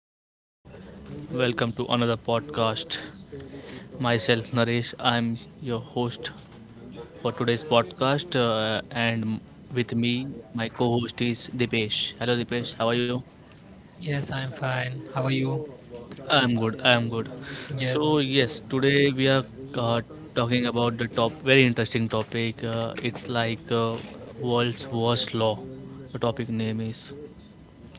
hello. Welcome to another podcast. Myself, Naresh, I'm your host for today's podcast, and with me, my co host is Dipesh. Hello, Dipesh, how are you? Yes, I'm fine. How are you? I'm good, I'm good. So, Yes. yes, today we are uh, talking about the top very interesting topic. It's like world's worst law. The topic name is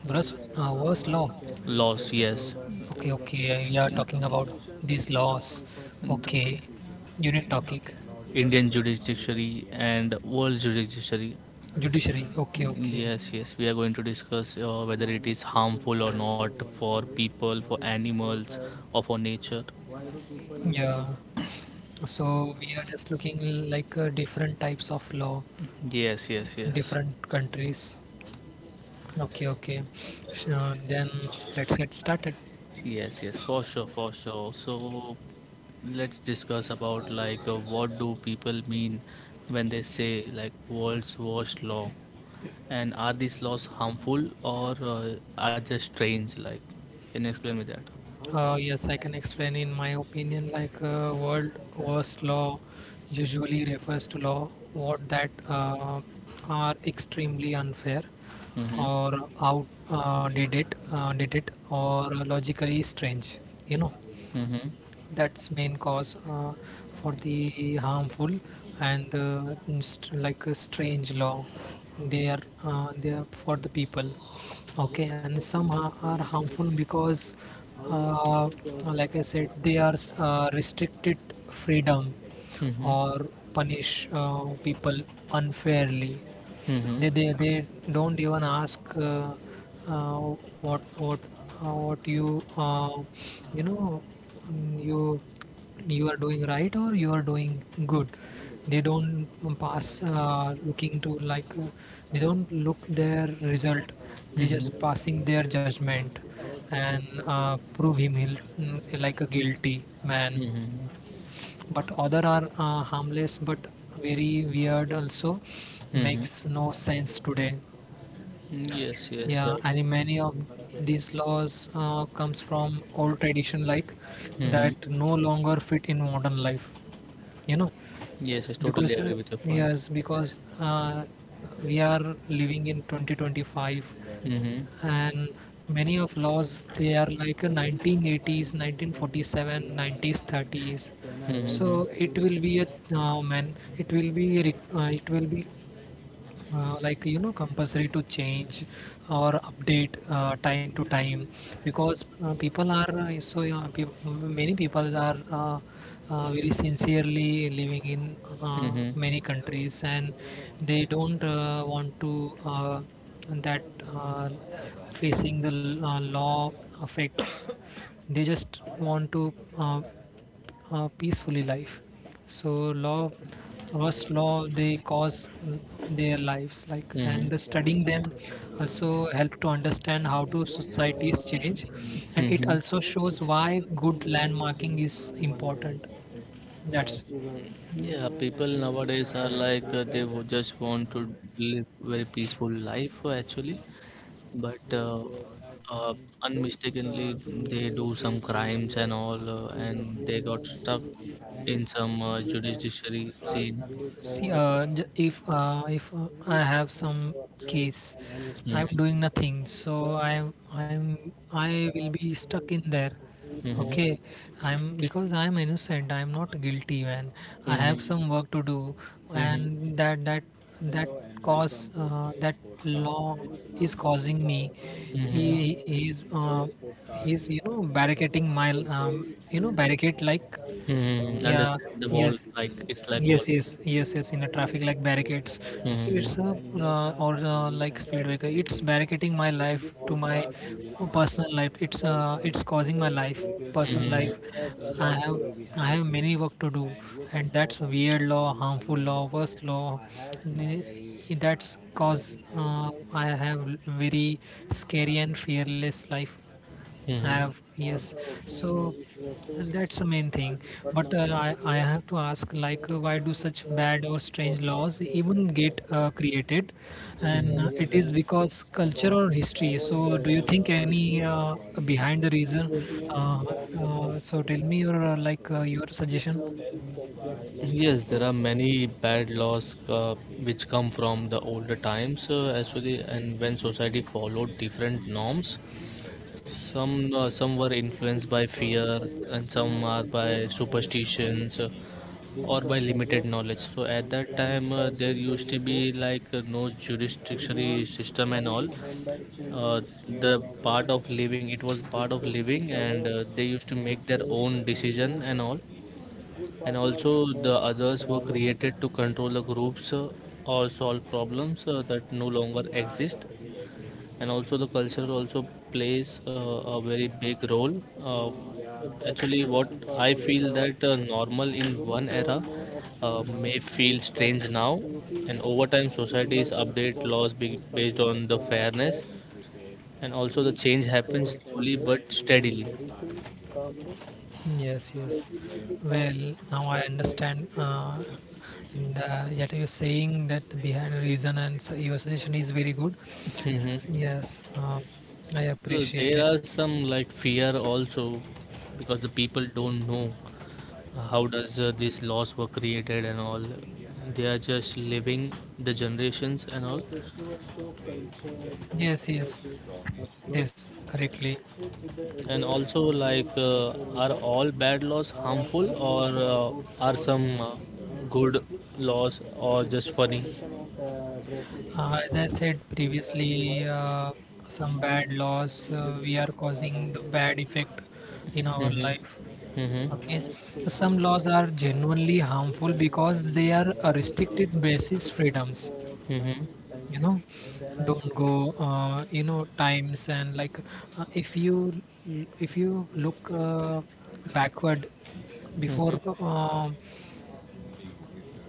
Worst law? laws, yes. Okay, okay. You are talking about these laws. Okay. Unit topic. Indian judiciary and world judiciary. Judiciary. Okay, okay. Yes, yes, we are going to discuss whether it is harmful or not for people, for animals, or for nature. Yeah. So we are just looking like different types of law, Yes, yes, yes, different countries. Okay, okay. Then let's get started. yes, yes, for sure, for sure. So let's discuss about like what do people mean when they say like world's worst law, and are these laws harmful or are just strange? Like, can you explain me that? Yes, I can explain. In my opinion, like world worst law usually refers to law what that are extremely unfair Mm-hmm. or out did it or logically strange you know Mm-hmm. that's main cause for the harmful, and like a strange law, they are for the people. Okay, and some are harmful because, uh, like I said, they are restricted freedom Mhm. or punish people unfairly. Mhm. They don't even ask, uh, what uh, what you uh, you know mm, you are doing right, or you are doing good. They don't pass, looking to, like they don't look their result. They just Mhm. passing their judgment and prove him he'll, like a guilty man. Mhm. But other are harmless but very weird, also Mhm. makes no sense today. Yes, yes, Yeah, sir. and many of these laws comes from old tradition, like, Mhm. that no longer fit in modern life you know Yes, I totally because agree with your point. yes because we are living in 2025, Mhm. and many of laws they are like a 1980s 1947 90s 30s. So Mhm. it will be a, man it will be like compulsory to change or update time to time, because people are so peop many people are very sincerely living in uh, Mhm. many countries, and they don't want to, uh, that, uh, facing the law affect. They just want to uh, peacefully life. So law, first law they cause their lives like, and Mhm. the studying them also help to understand how to societies change, and it Mhm. also shows why good landmarking is important. That's. Yeah, people nowadays are like just want to live very peaceful life actually, but unmistakenly they do some crimes and all, and they got stuck in some judiciary scene. See, if I have some case, I'm Mm-hmm. doing nothing, so I'm I'm I will be stuck in there. Mm-hmm. Okay, I'm, because I'm innocent. I'm not guilty, man. I have Mm-hmm. some work to do, Mm-hmm. and that that that cause that law is causing me. He Mm-hmm. he is uh, he's you know barricading my um, barricade like. Mm-hmm. Yeah. Understand the wall, Yes, like it's like wall. yes, yes, yes, yes, in a traffic like barricades. Mm-hmm. It's a or like speed breaker. It's barricading my life to my personal life. It's causing my life, personal life. Mm-hmm. I have i have many work to do, and that's weird law, harmful law, worst law. n- that's cause I have very scary and fearless life. Mm-hmm. Have, yes. So, and that's the main thing. But I have to ask, like, why do such bad or strange laws even get created? And it Mm-hmm. is because culture or history. So do you think any behind the reason? Uh, so tell me your suggestion. Yes, there are many bad laws which come from the older times actually, and when society followed different norms. Some were influenced by fear, and some are by superstitions or by limited knowledge. So at that time, there used to be like no jurisdictionary system and all. Uh, the part of living, it was part of living, and they used to make their own decision and all. And also, the others were created to control the groups or solve problems that no longer exist, and also the culture also plays a very big role. Uh, Actually, what I feel that normal in one era may feel strange now, and over time societies update laws based on the fairness, and also the change happens slowly but steadily. Yes, yes. Well, now I understand. And that you're saying, that behind a reason, and so your suggestion is very good. Hmm. Yes, I So appreciate there it. are some like fear also, because the people don't know how does these laws were created and all. They are just living the generations and all, Yes, yes, yes, correctly. and also like are all bad laws harmful or are some good laws or just funny? As I said previously, some bad laws we are causing the bad effect in our Mm-hmm. life. Mm-hmm. Okay, so some laws are genuinely harmful because they are restricted basis freedoms. Mm-hmm. You know, don't go. You know, times and, like if you look backward before Mm-hmm.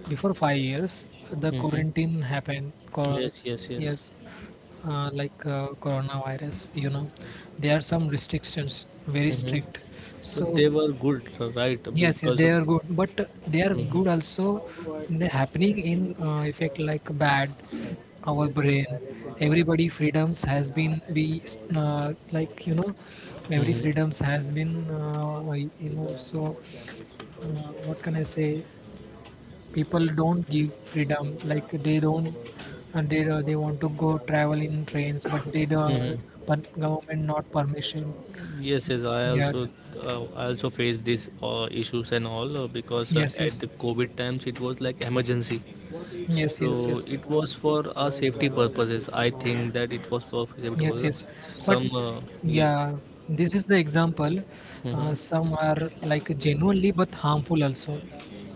before 5 years the Mm-hmm. quarantine happened. Yes, yes, yes. Yes, like coronavirus, you know, there are some restrictions, very Mm-hmm. strict. But So they were good, right? yes, yes, Because they of. are good, but they are good Mm-hmm. also. They happening in effect like bad, our brain. Everybody freedoms has been be like, every Mm-hmm. freedoms has been so what can I say? People don't give freedom, like, they don't, and they want to go travel in trains, but they the Mm-hmm. but government not permission. Yes, yes, Yeah, I also faced these issues and all because yes, at yes, the COVID times it was like emergency. yes, So yes, yes, it was for our safety purposes. I think that it was for safety yes, purposes. yes, but Some yes. yeah, this is the example. Mm-hmm. Some are like genuinely but harmful also,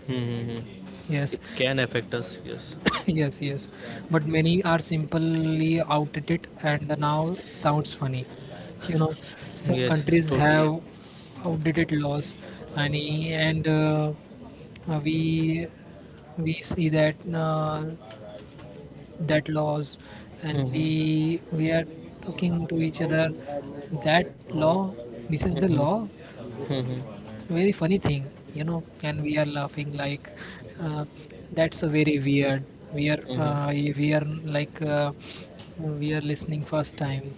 Mm-hmm. yes. It can affect us. Yes. Yes, yes. But many are simply outdated and now sounds funny. You know, some Yes, yes, countries totally. have outdated laws, and uh, we we see that that laws, and Mm-hmm. we are talking to each other that law. This is the law, Mm-hmm. Mm-hmm. very funny thing, you know, and we are laughing like, uh, that's a very weird. Mm-hmm. We are like we are listening first time.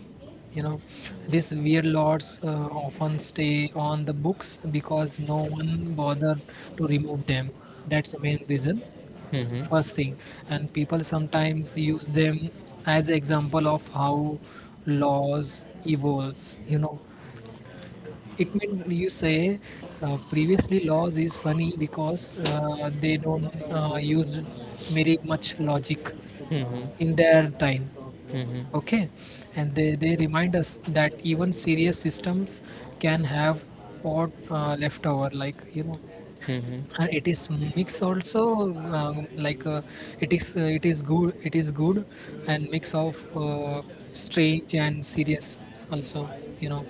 You know, these weird lords often stay on the books because no one bothered to remove them. That's the main reason. Mm-hmm. First thing, and people sometimes use them as example of how laws evolves. You know, it means you say, previously laws is funny because, they don't use very much logic in Mm-hmm. their time. Mhm. Okay, and they remind us that even serious systems can have odd leftover, Mhm. and it is mix also, like it is, it is good, it is good, and mix of strange and serious also, you know.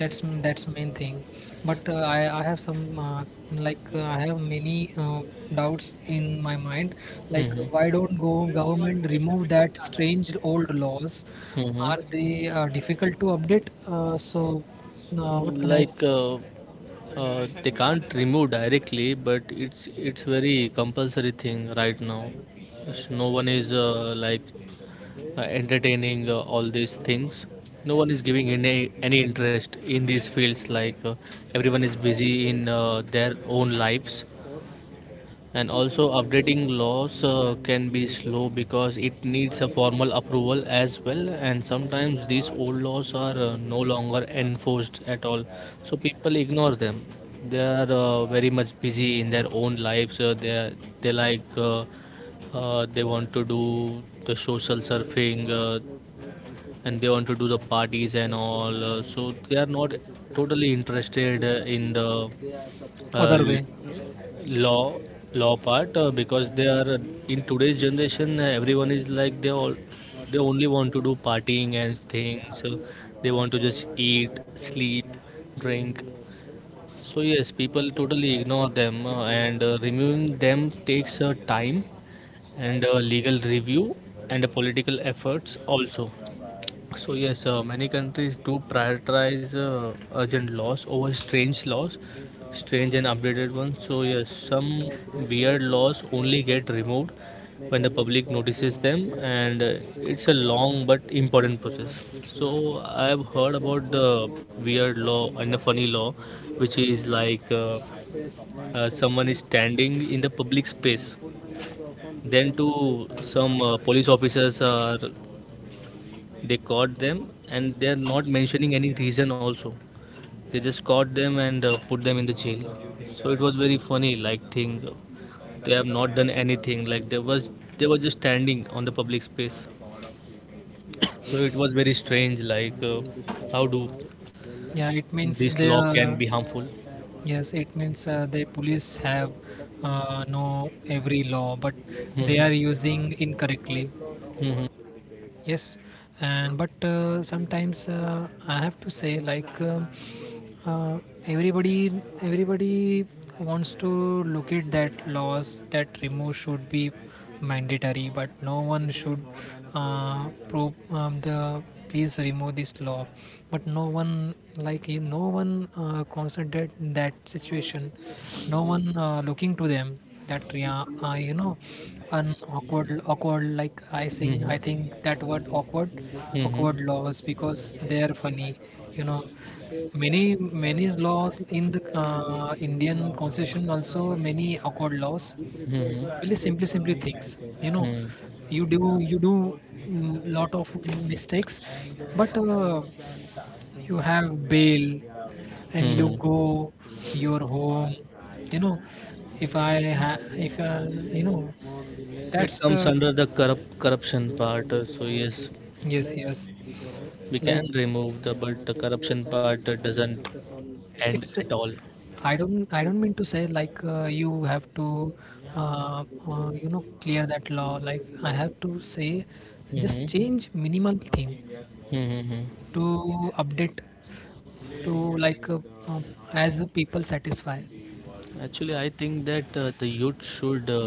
That's main thing. But I have some, I have many doubts in my mind, like why Mhm. don't go government remove that strange old laws? Mhm. Are they difficult to update? So, what can I, Like they can't remove directly, but it's very compulsory thing right now. Yes, no one is like entertaining all these things. No one is giving any interest in these fields. Like everyone is busy in their own lives. And also updating laws can be slow because it needs a formal approval as well, and sometimes these old laws are no longer enforced at all, so people ignore them. They are very much busy in their own lives, they like uh, they want to do the social surfing, and they want to do the parties and all, so they are not totally interested in the uh, other way? law law part, because they are in today's generation. Everyone is like, they all, they only want to do partying and things, so they want to just eat, sleep, drink. So yes, people totally ignore them, and removing them takes time and legal review and political efforts also. So yes, many countries do prioritize urgent laws over strange laws, strange and updated ones. So yes, some weird laws only get removed when the public notices them, and it's a long but important process. So I've heard about the weird law and the funny law, which is like someone is standing in the public space, then to some police officers are, they caught them and they are not mentioning any reason also. They just caught them and put them in the jail. So it was very funny like thing. They have not done anything like, they was, they were just standing on the public space. So it was very strange like how do Yeah, it means this they law can are. be harmful. Yes, it means the police have, know every law, but they Mhm. are using incorrectly. Mhm. Yes, and but sometimes, I have to say, like. uh, everybody everybody wants to look at that laws, that remove should be mandatory, but no one should the, please remove this law. But no one, like, no one considered that situation, no one looking to them. That, yeah, an awkward awkward, like, i think i Mhm. think that word, awkward, Mhm. awkward laws, because they are funny, you know. Many laws in the Indian constitution also, many accord laws, Mhm. really simply things, you know. Mhm. You do lot of mistakes, but you have bail and you Mhm. go your home you know if I ha- if you know It that's comes under the corrupt corruption part. So yes, yes, yes, we like, can remove the, but the corruption part doesn't end it's the-. at all. I don't mean to say like, you have to, uh, clear that law, like, I have to say just Hmm. change minimal thing Hmm. to update to, like, uh, as people satisfy. Actually I think that the youth should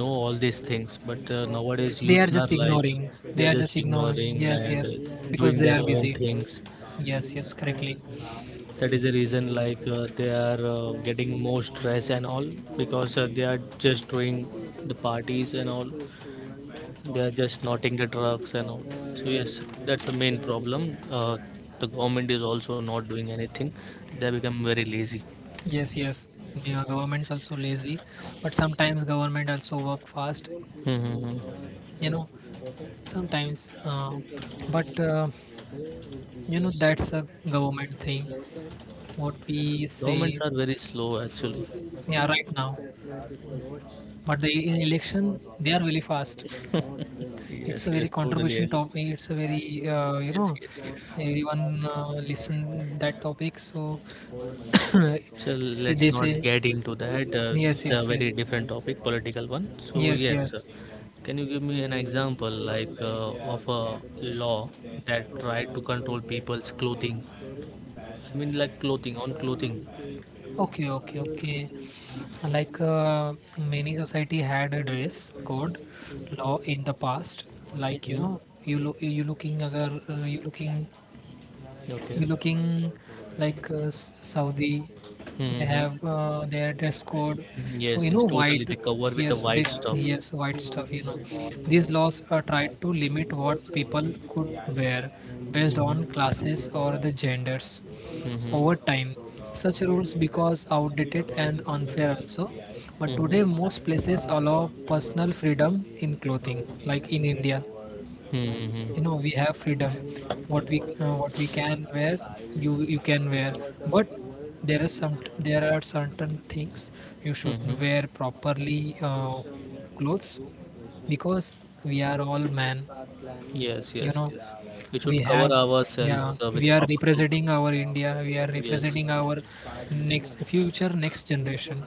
know all these things, but nowadays They are youths are just like ignoring. they They are are just just ignoring, ignoring yes, and yes, because doing they their are own busy. things. Yes, yes, correctly. That is the reason, like they are getting more stress and all, because they are just doing the parties and all, they are just noting the drugs and all. So yes, that's the main problem. The government is also not doing anything. They become very lazy. Yes, yes, yeah, government's also lazy, but sometimes government also work fast Mm-hmm. you know Sometimes, but that's a government thing, what we Governments say. are very slow actually. Yeah, right now. But the in election they are really fast. It's Yes, a very yes, totally controversial agree. topic. It's a very, Yes, yes. everyone listen that topic, so. So Say, let's they not say, get into that. Yes, It's a yes, very yes, different topic, political one. So yes, yes, yes. can you give me an example like of a law that tried to control people's clothing? I mean, like clothing on clothing. Okay, okay, okay. Like, many society had a dress code law in the past. Like, you Mm-hmm. know, you looking agar, you looking Okay. you looking like Saudi. They Mm-hmm. have, their dress code. Oh, you Yes, know, yes, totally. white. They cover with the Yes, they, white stuff. yes, white stuff. These laws tried to limit what people could wear based on Mm-hmm. classes or the genders Mm-hmm. over time. Such rules because outdated and unfair also. But today Mm-hmm. most places allow personal freedom in clothing. Like in India, Mm-hmm. you know, we Mm-hmm. have freedom. What we, what we can wear, you can wear. But there is some there are certain things you should wear Mm-hmm. properly, clothes, because we are all, man, Yes, you yes, know, yes. We we should cover have, ourselves yeah, with, we are representing our India, we are yes. representing our next future, next generation.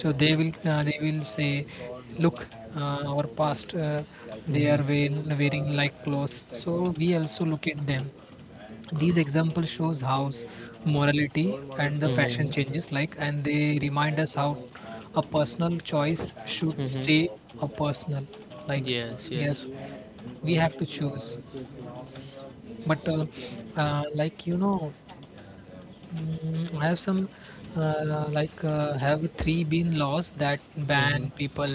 So they will, they will say, look, our past, they Mm-hmm. are wearing like clothes, so we also look at them. These examples shows how morality and the fashion Mm-hmm. changes, like, and they remind us how a personal choice should stay Mm-hmm. a personal, like, Yes, yes. yes, we have to choose, but So, uh, like you know I have some like have three been laws that ban mm-hmm. people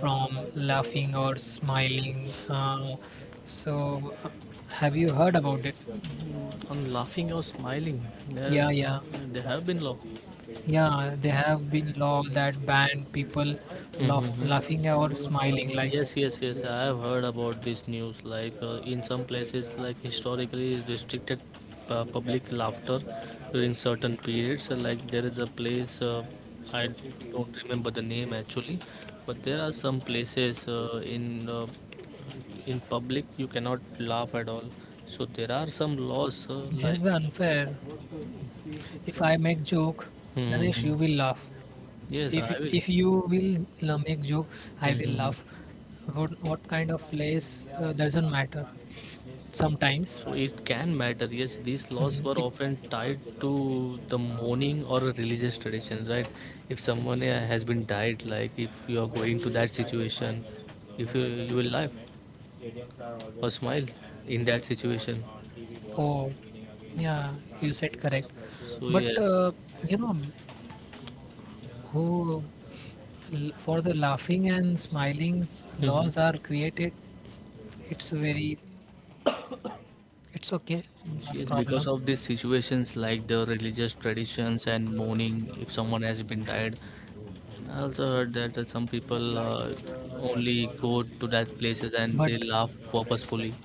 from laughing or smiling, so have you heard about it? I laughing or smiling. There, Yeah, yeah, there have been law. yeah, they have been law that ban people laughing or smiling, Mm-hmm. like. Yes, yes, yes. I have heard about this news. Like in some places, like historically restricted public laughter during certain periods. Like there is a place, I don't remember the name actually, but there are some places in in public you cannot laugh at all. So there are some laws This like. is the unfair. If I make joke, Naresh, Hmm. you will laugh. Yes, If I will. if you will make joke, I will Hmm. laugh. What kind of place doesn't matter. Sometimes, So it can matter. Yes, these laws were it. often tied to the mourning or religious traditions, right? If someone has been died, like if you are going to that situation, if you, you will laugh or smile in that situation. Oh, yeah, you said correct. So But yes. uh, you know, who for the laughing and smiling Mhm. laws are created. It's very it's okay, no Yes, because problem. of these situations like the religious traditions and mourning, if someone has been died, I also heard that some people only go to that places and But they laugh purposefully.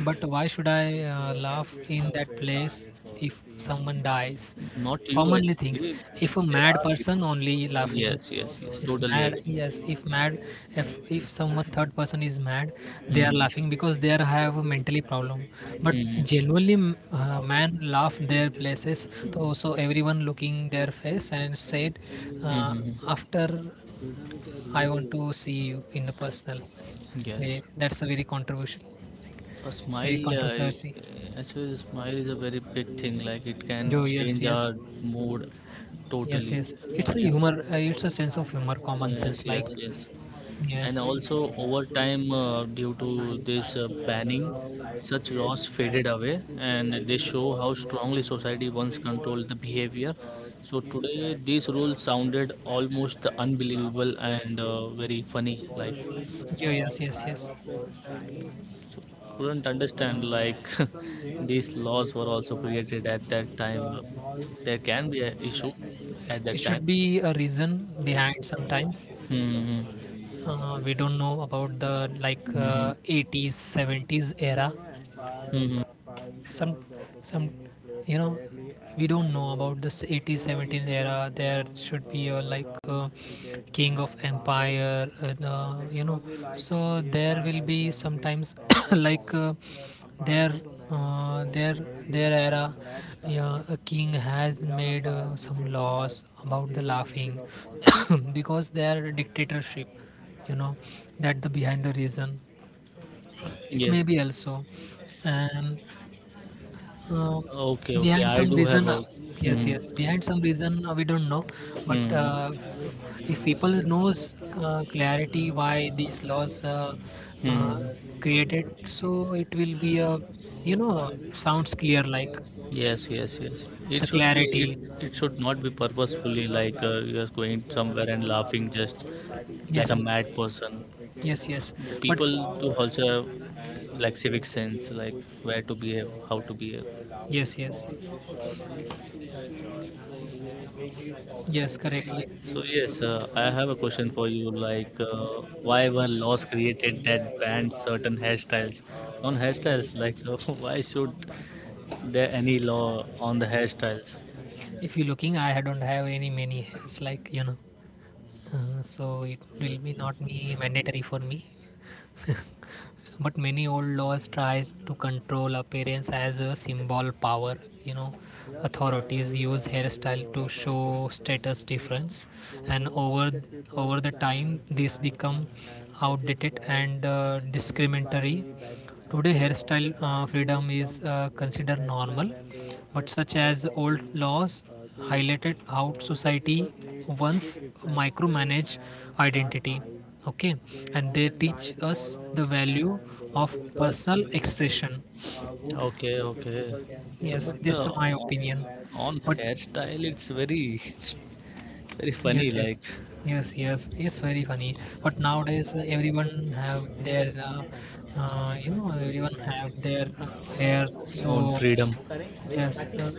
But why should I laugh in that place if someone dies? Not you Commonly things. actually. If a There mad are person people. only laughing. Yes, yes, yes. If Totally mad, agree. yes, if mad, if someone third person is mad, they are Mhm. laughing because they are have a mentally problem. But Mhm. genuinely, man laugh their places. So everyone looking their face and said, uh, Mhm. after I want to see you in the personal Yes. way. That's a very controversial, A very smile, controversy. actually, the smile is a very big thing. Like it can Joe, yes, change yes, our mood yes, totally. yes. It's a If, humor. It's a sense of humor, common yes, sense. Like, yes, yes. And yes, also over time, due to this banning, such laws faded away, and they show how strongly society once controlled the behavior. So today, these rules sounded almost unbelievable and very funny. Like, couldn't understand like these laws were also created at that time. There can be an issue at it that time. should be a reason behind sometimes. Mm-hmm. We don't know about the Mm-hmm. 80s, 70s era. Mm-hmm. Some, some, you know, we don't know about this 80s, 70s era. There should be a like king of empire, and, you know. So there will be sometimes like their uh, their their era, yeah, a king has made some laws about the laughing because they are a dictatorship, you know, that the behind the reason it Yes, may yes. be also and uh, Okay, okay. behind I some do have reason, a. Yes, Hmm. yes, behind some reason, we don't know, but Hmm. If people knows clarity why these laws uh, Hmm. created, so it will be a, you know, sounds clear like Yes, yes, yes. It the should be. clarity. It should not be purposefully like you're going somewhere and laughing just Yes, like a yes, mad person. yes, yes. The But people do also have like civic sense, like where to behave, how to behave. yes, yes, yes, yes, correctly. So yes, I have a question for you. Like, why were laws created that banned certain hairstyles? On hairstyles, like, why should there any law on the hairstyles? If you looking, I don't have any many. It's like, you know, so it will be not be mandatory for me. But many old laws tries to control appearance as a symbol power, you know, authorities use hairstyle to show status difference, and over the time this become outdated and discriminatory. Today, hairstyle freedom is considered normal, but such as old laws highlighted how society once micromanaged identity. Okay, and they teach us the value of personal expression. Okay, okay. So, Yes, but this is my opinion. on But hairstyle, it's very funny, yes, yes, like yes, yes. It's very funny. But nowadays, everyone have their, you know, everyone have their hair. on So freedom. yes, uh,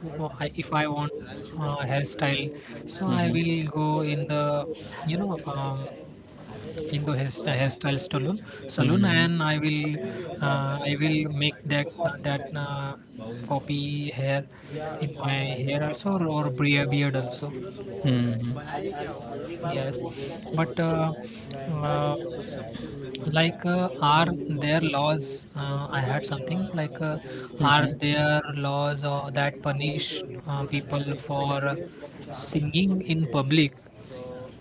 w- I- if I want hairstyle, so I Hmm. will go in the, you know, in the hairstyle salon, salon, Hmm. and I will make that copy hair in my hair also or beard also. Hmm. Yes, but uh, are there laws? I had something like are Hmm. there laws that punish people for singing in public?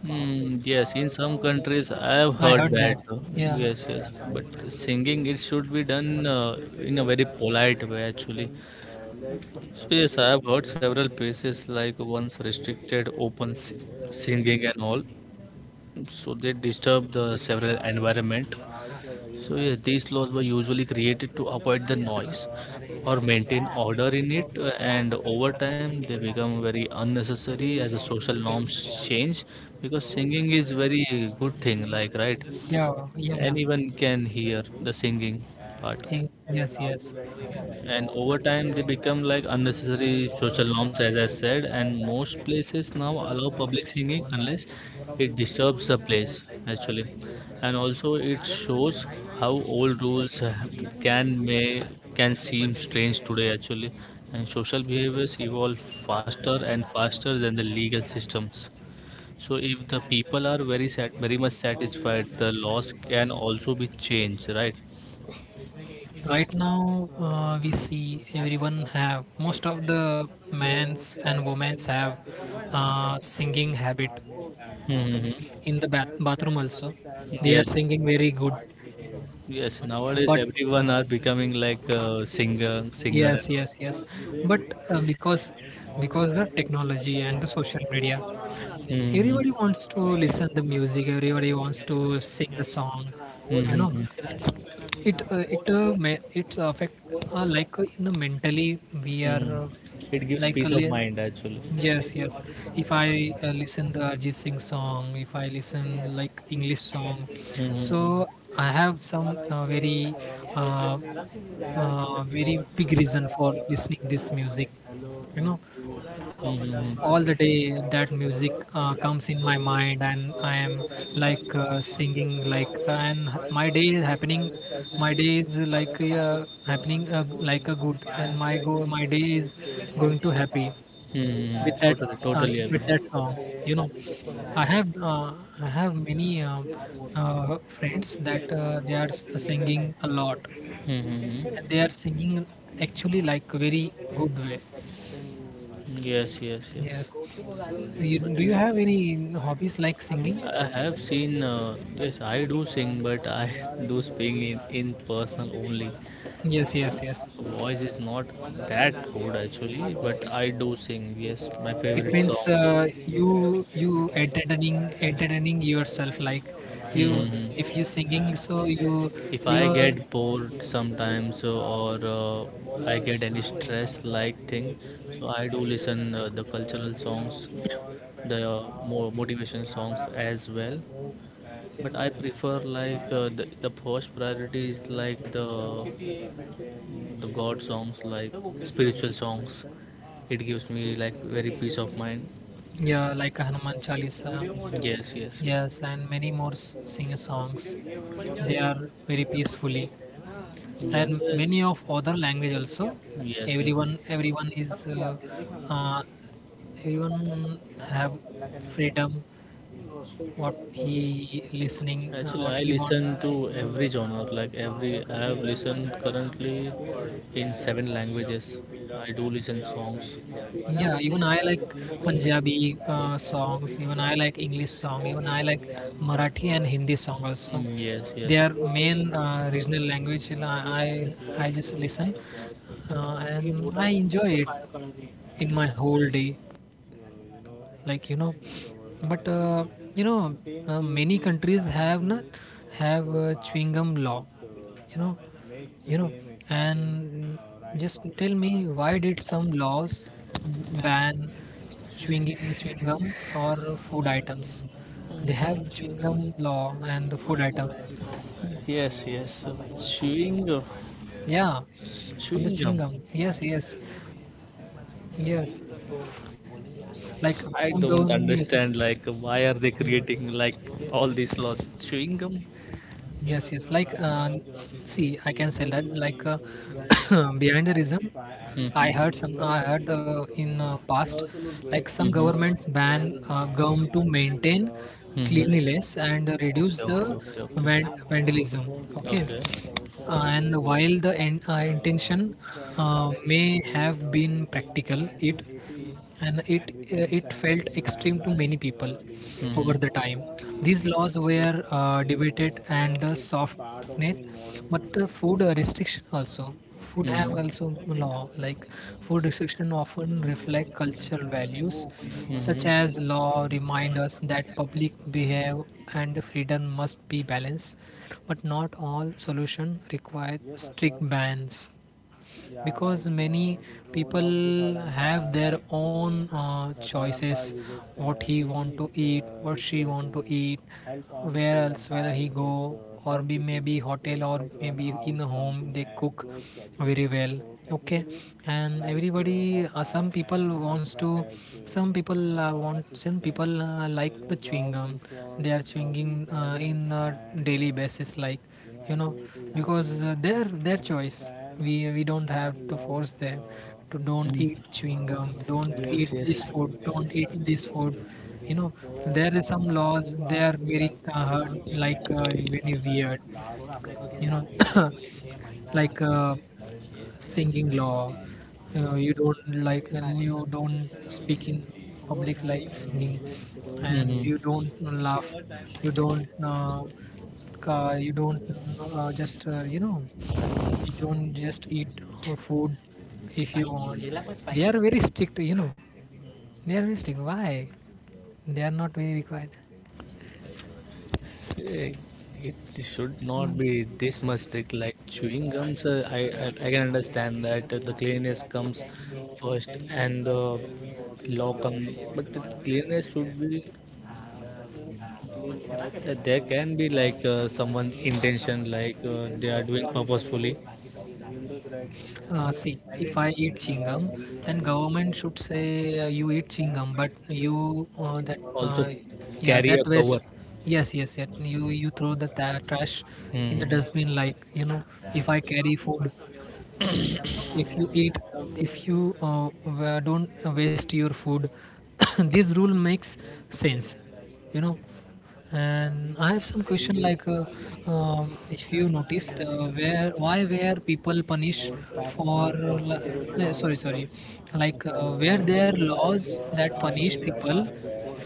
Hmm. Yes, in some countries I have I heard heard that. that. Yeah. Yes, yes. But singing, it should be done in a very polite way, actually. So, yes, I have heard several places like once restricted singing and all. So, they disturb the several environment. So yes, these laws were usually created to avoid the noise or maintain order in it, and over time they become very unnecessary as the social norms change. Because singing is very good thing, like, right, Yeah. Yeah. Yeah. anyone can hear the singing part, Eh, yes. Yes. and over time they become like unnecessary social norms as I said, and most places now allow public singing unless it disturbs the place actually. And also it shows how old rules can may can seem strange today actually, and social behaviors evolve faster and faster than the legal systems. So if the people are very much satisfied, the laws can also be changed, right? Right now, we see everyone have most of the men's and women's have singing habit Mm-hmm. in the bathroom also. They are Yes, singing very good, yes, nowadays but everyone are becoming like a singer, singer and yes, all. yes, yes. But uh, because because the technology and the social media, Mm-hmm. everybody wants to listen the music, everybody wants to sing the song, you know, Mm-hmm. it's it's affect, like, you know, mentally we are Hmm. It gives like uh, peace of li- mind actually. yes, yes, if I listen the Ajit Singh song, if I listen like english song, Mm-hmm. so I have some uh, very big reason for listening this music, you know, Mm-hmm. all the day that music comes in my mind and I am like, singing like, and my day is happening, my day is like happening, like a good, and my day is going to happy with Mm-hmm. that Totally, totally with agree. that song, you know, I have I have many friends that they are singing a lot, and they Mm-hmm. are singing actually like very good way, Yes, yes, yes. yes. You, do you have any hobbies like singing? I have seen, yes, I do sing, but I do sing in person only. Yes, yes, yes. Voice is not that good actually, but I do sing, yes, my It favorite means song. You entertaining yourself like you, if you Hmm. singing so you If I you're get bored sometimes or I get any stress like thing, so I do listen the cultural songs, the more motivation songs as well. But I prefer like the first priority is like the god songs, like spiritual songs. It gives me like very peace of mind. yeah like a Hanuman Chalisa, Yes, yes, yes. yes, and many more sing songs. They are very peacefully, Yes, and many of other language also. yes, yes. Everyone is uh, everyone have freedom what he listening, Actually what I he want. listen to every genre, like every, I have listened currently in seven languages, I do listen songs. Yeah, even I like Punjabi songs. Even I like English song. Even I like Marathi and Hindi song also. Mm, yes, Their yes, main regional language. I just listen, and I enjoy it in my whole day. Like you know, but you know, many countries have not have chewing gum law. You know, you know, and just tell me why did some laws ban chewing chewing gum or food items, they have chewing gum law and the food item, yes, yes, chewing gum. yeah, on the Chewing gum. chewing gum, yes, yes, yes, like I some don't government, yes, yes. understand like why are they Mm. creating like all these laws? Chewing gum? Yes, yes, like see I can say that like behind the reason I heard Mm-hmm. some. I heard in past, like some Mm-hmm. government ban gum to maintain Mm-hmm. cleanliness and reduce Okay, the okay, okay. Vandalism. Okay, Okay. And while the intention may have been practical, it it felt extreme to many people over the Mm-hmm. time. These laws were debated and the soft net, but the food restriction also, food have also law like food restriction often reflect cultural values, such Mm-hmm. as law remind us that public behave and freedom must be balanced, but not all solutions require strict bans, because many people have their own choices what he want to eat, what she want to eat, where else whether he go, or be maybe hotel or maybe in the home they cook very well, okay. And everybody some people wants to some people like the chewing gum, they are chewing in daily basis like, you know, because their choice, we don't have to force them to don't Mm-hmm. eat chewing gum, don't eat Yes, yes. this food, don't eat this food, you know, there is some laws they are very hard like very weird, you know, like singing law, you don't like and you don't speak in public like singing, and you Mm-hmm. don't laugh, you don't you don't just you know, you don't just eat food if you want, they are very strict, you know, they are very strict, why they are not very required. Eh, it should not Mm. be this much strict. Like chewing gums, I can understand that the cleanliness comes first and the law comes. But the cleanliness should be, yeah, there can be like someone's intention, like they are doing purposefully. See, if I eat chewing gum, then government should say you eat chewing gum, but you that Also, yeah carry a that waste. cover. Yes, yes, yes. You throw the ta trash in the Hmm. dustbin like you know. If I carry food, if you eat, if you don't waste your food, this rule makes sense, you know. And I have some question like if you noticed where why were people punished for no, sorry, sorry, like were there laws that punish people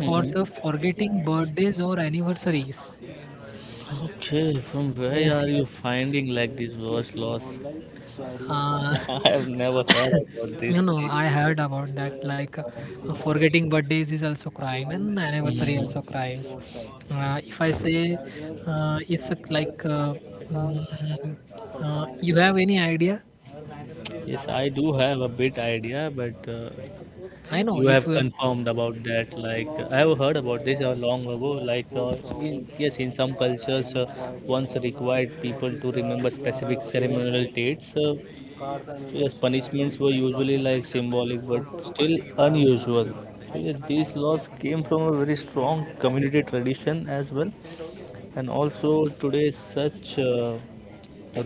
for the forgetting birthdays or anniversaries, Okay, from where are yes, you yes. finding like this worst loss? Uh, I have never heard about you these know, I things. heard about that. Like, forgetting birthdays is also crime, and anniversary Hmm. also crimes. If I say it's a, like, mm, you have any idea? Yes, I do have a bit idea, but I know you if have confirmed about that. Like I have heard about this long ago, like yes, in some cultures once required people to remember specific ceremonial dates. Yes, punishments were usually like symbolic but still unusual. So yes, these laws came from a very strong community tradition as well, and also today such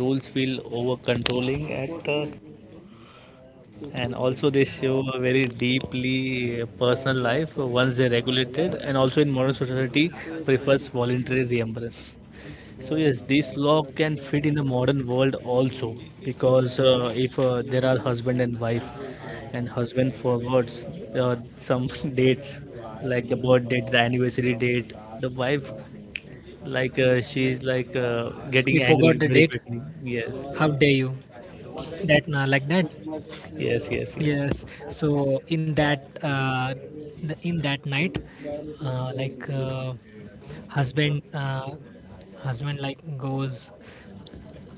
rules feel over controlling at and also they show a very deeply personal life once they're regulated, and also in modern society prefers voluntary reimburse. So yes, this law can fit in the modern world also, because if there are husband and wife, and husband forwards some dates like the birth date, the anniversary date, the wife, like she's like we getting forgot angry the very date, quickly. Yes, how dare you? That like that. yes, yes. Yes, Yes. So in that in that night, like husband husband like goes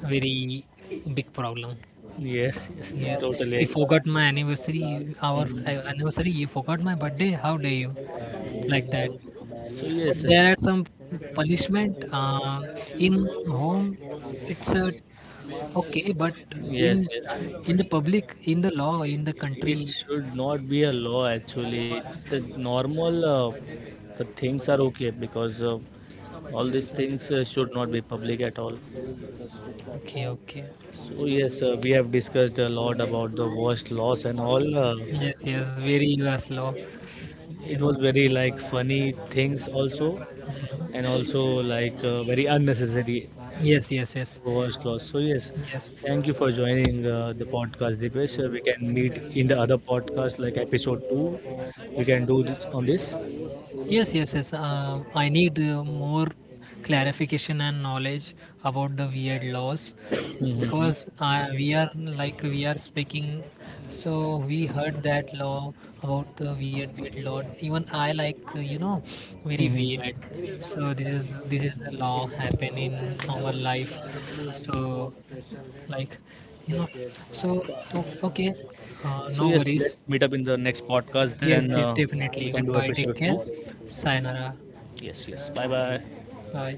very big problem. yes, yes, yes Yes, totally you agree. forgot my anniversary. Our Mhm. anniversary, you forgot my birthday. How dare you, like that? So yes, But there are yes, some punishment in home. It's a okay, but yes, in yes. in the public, in the law, in the It country, should not be a law actually. The normal the things are okay, because all these things should not be public at all. okay, okay. So yes, we have discussed a lot about the worst laws and all. Yes, yes, very US law. You It know. was very like funny things also, and Mhm. also like very unnecessary Yes, yes, yes, was lost. So yes, yes. thank you for joining the podcast, Dipesh. We can meet in the other podcast, like episode 2. We can do this on this. Yes, yes, yes. I need more clarification and knowledge about the weird laws, Mhm. because we are like we are speaking. So we heard that law about the weird, weird law. Even I like you know, very weird. Mhm. So this is the law happen in our life. So like you know. So okay, So no yes, let's worries. meet up in the next podcast. Then Yes, yes, we definitely. can do Goodbye. episode Take care. two. Sayonara. Yes, yes. Bye, bye. はい。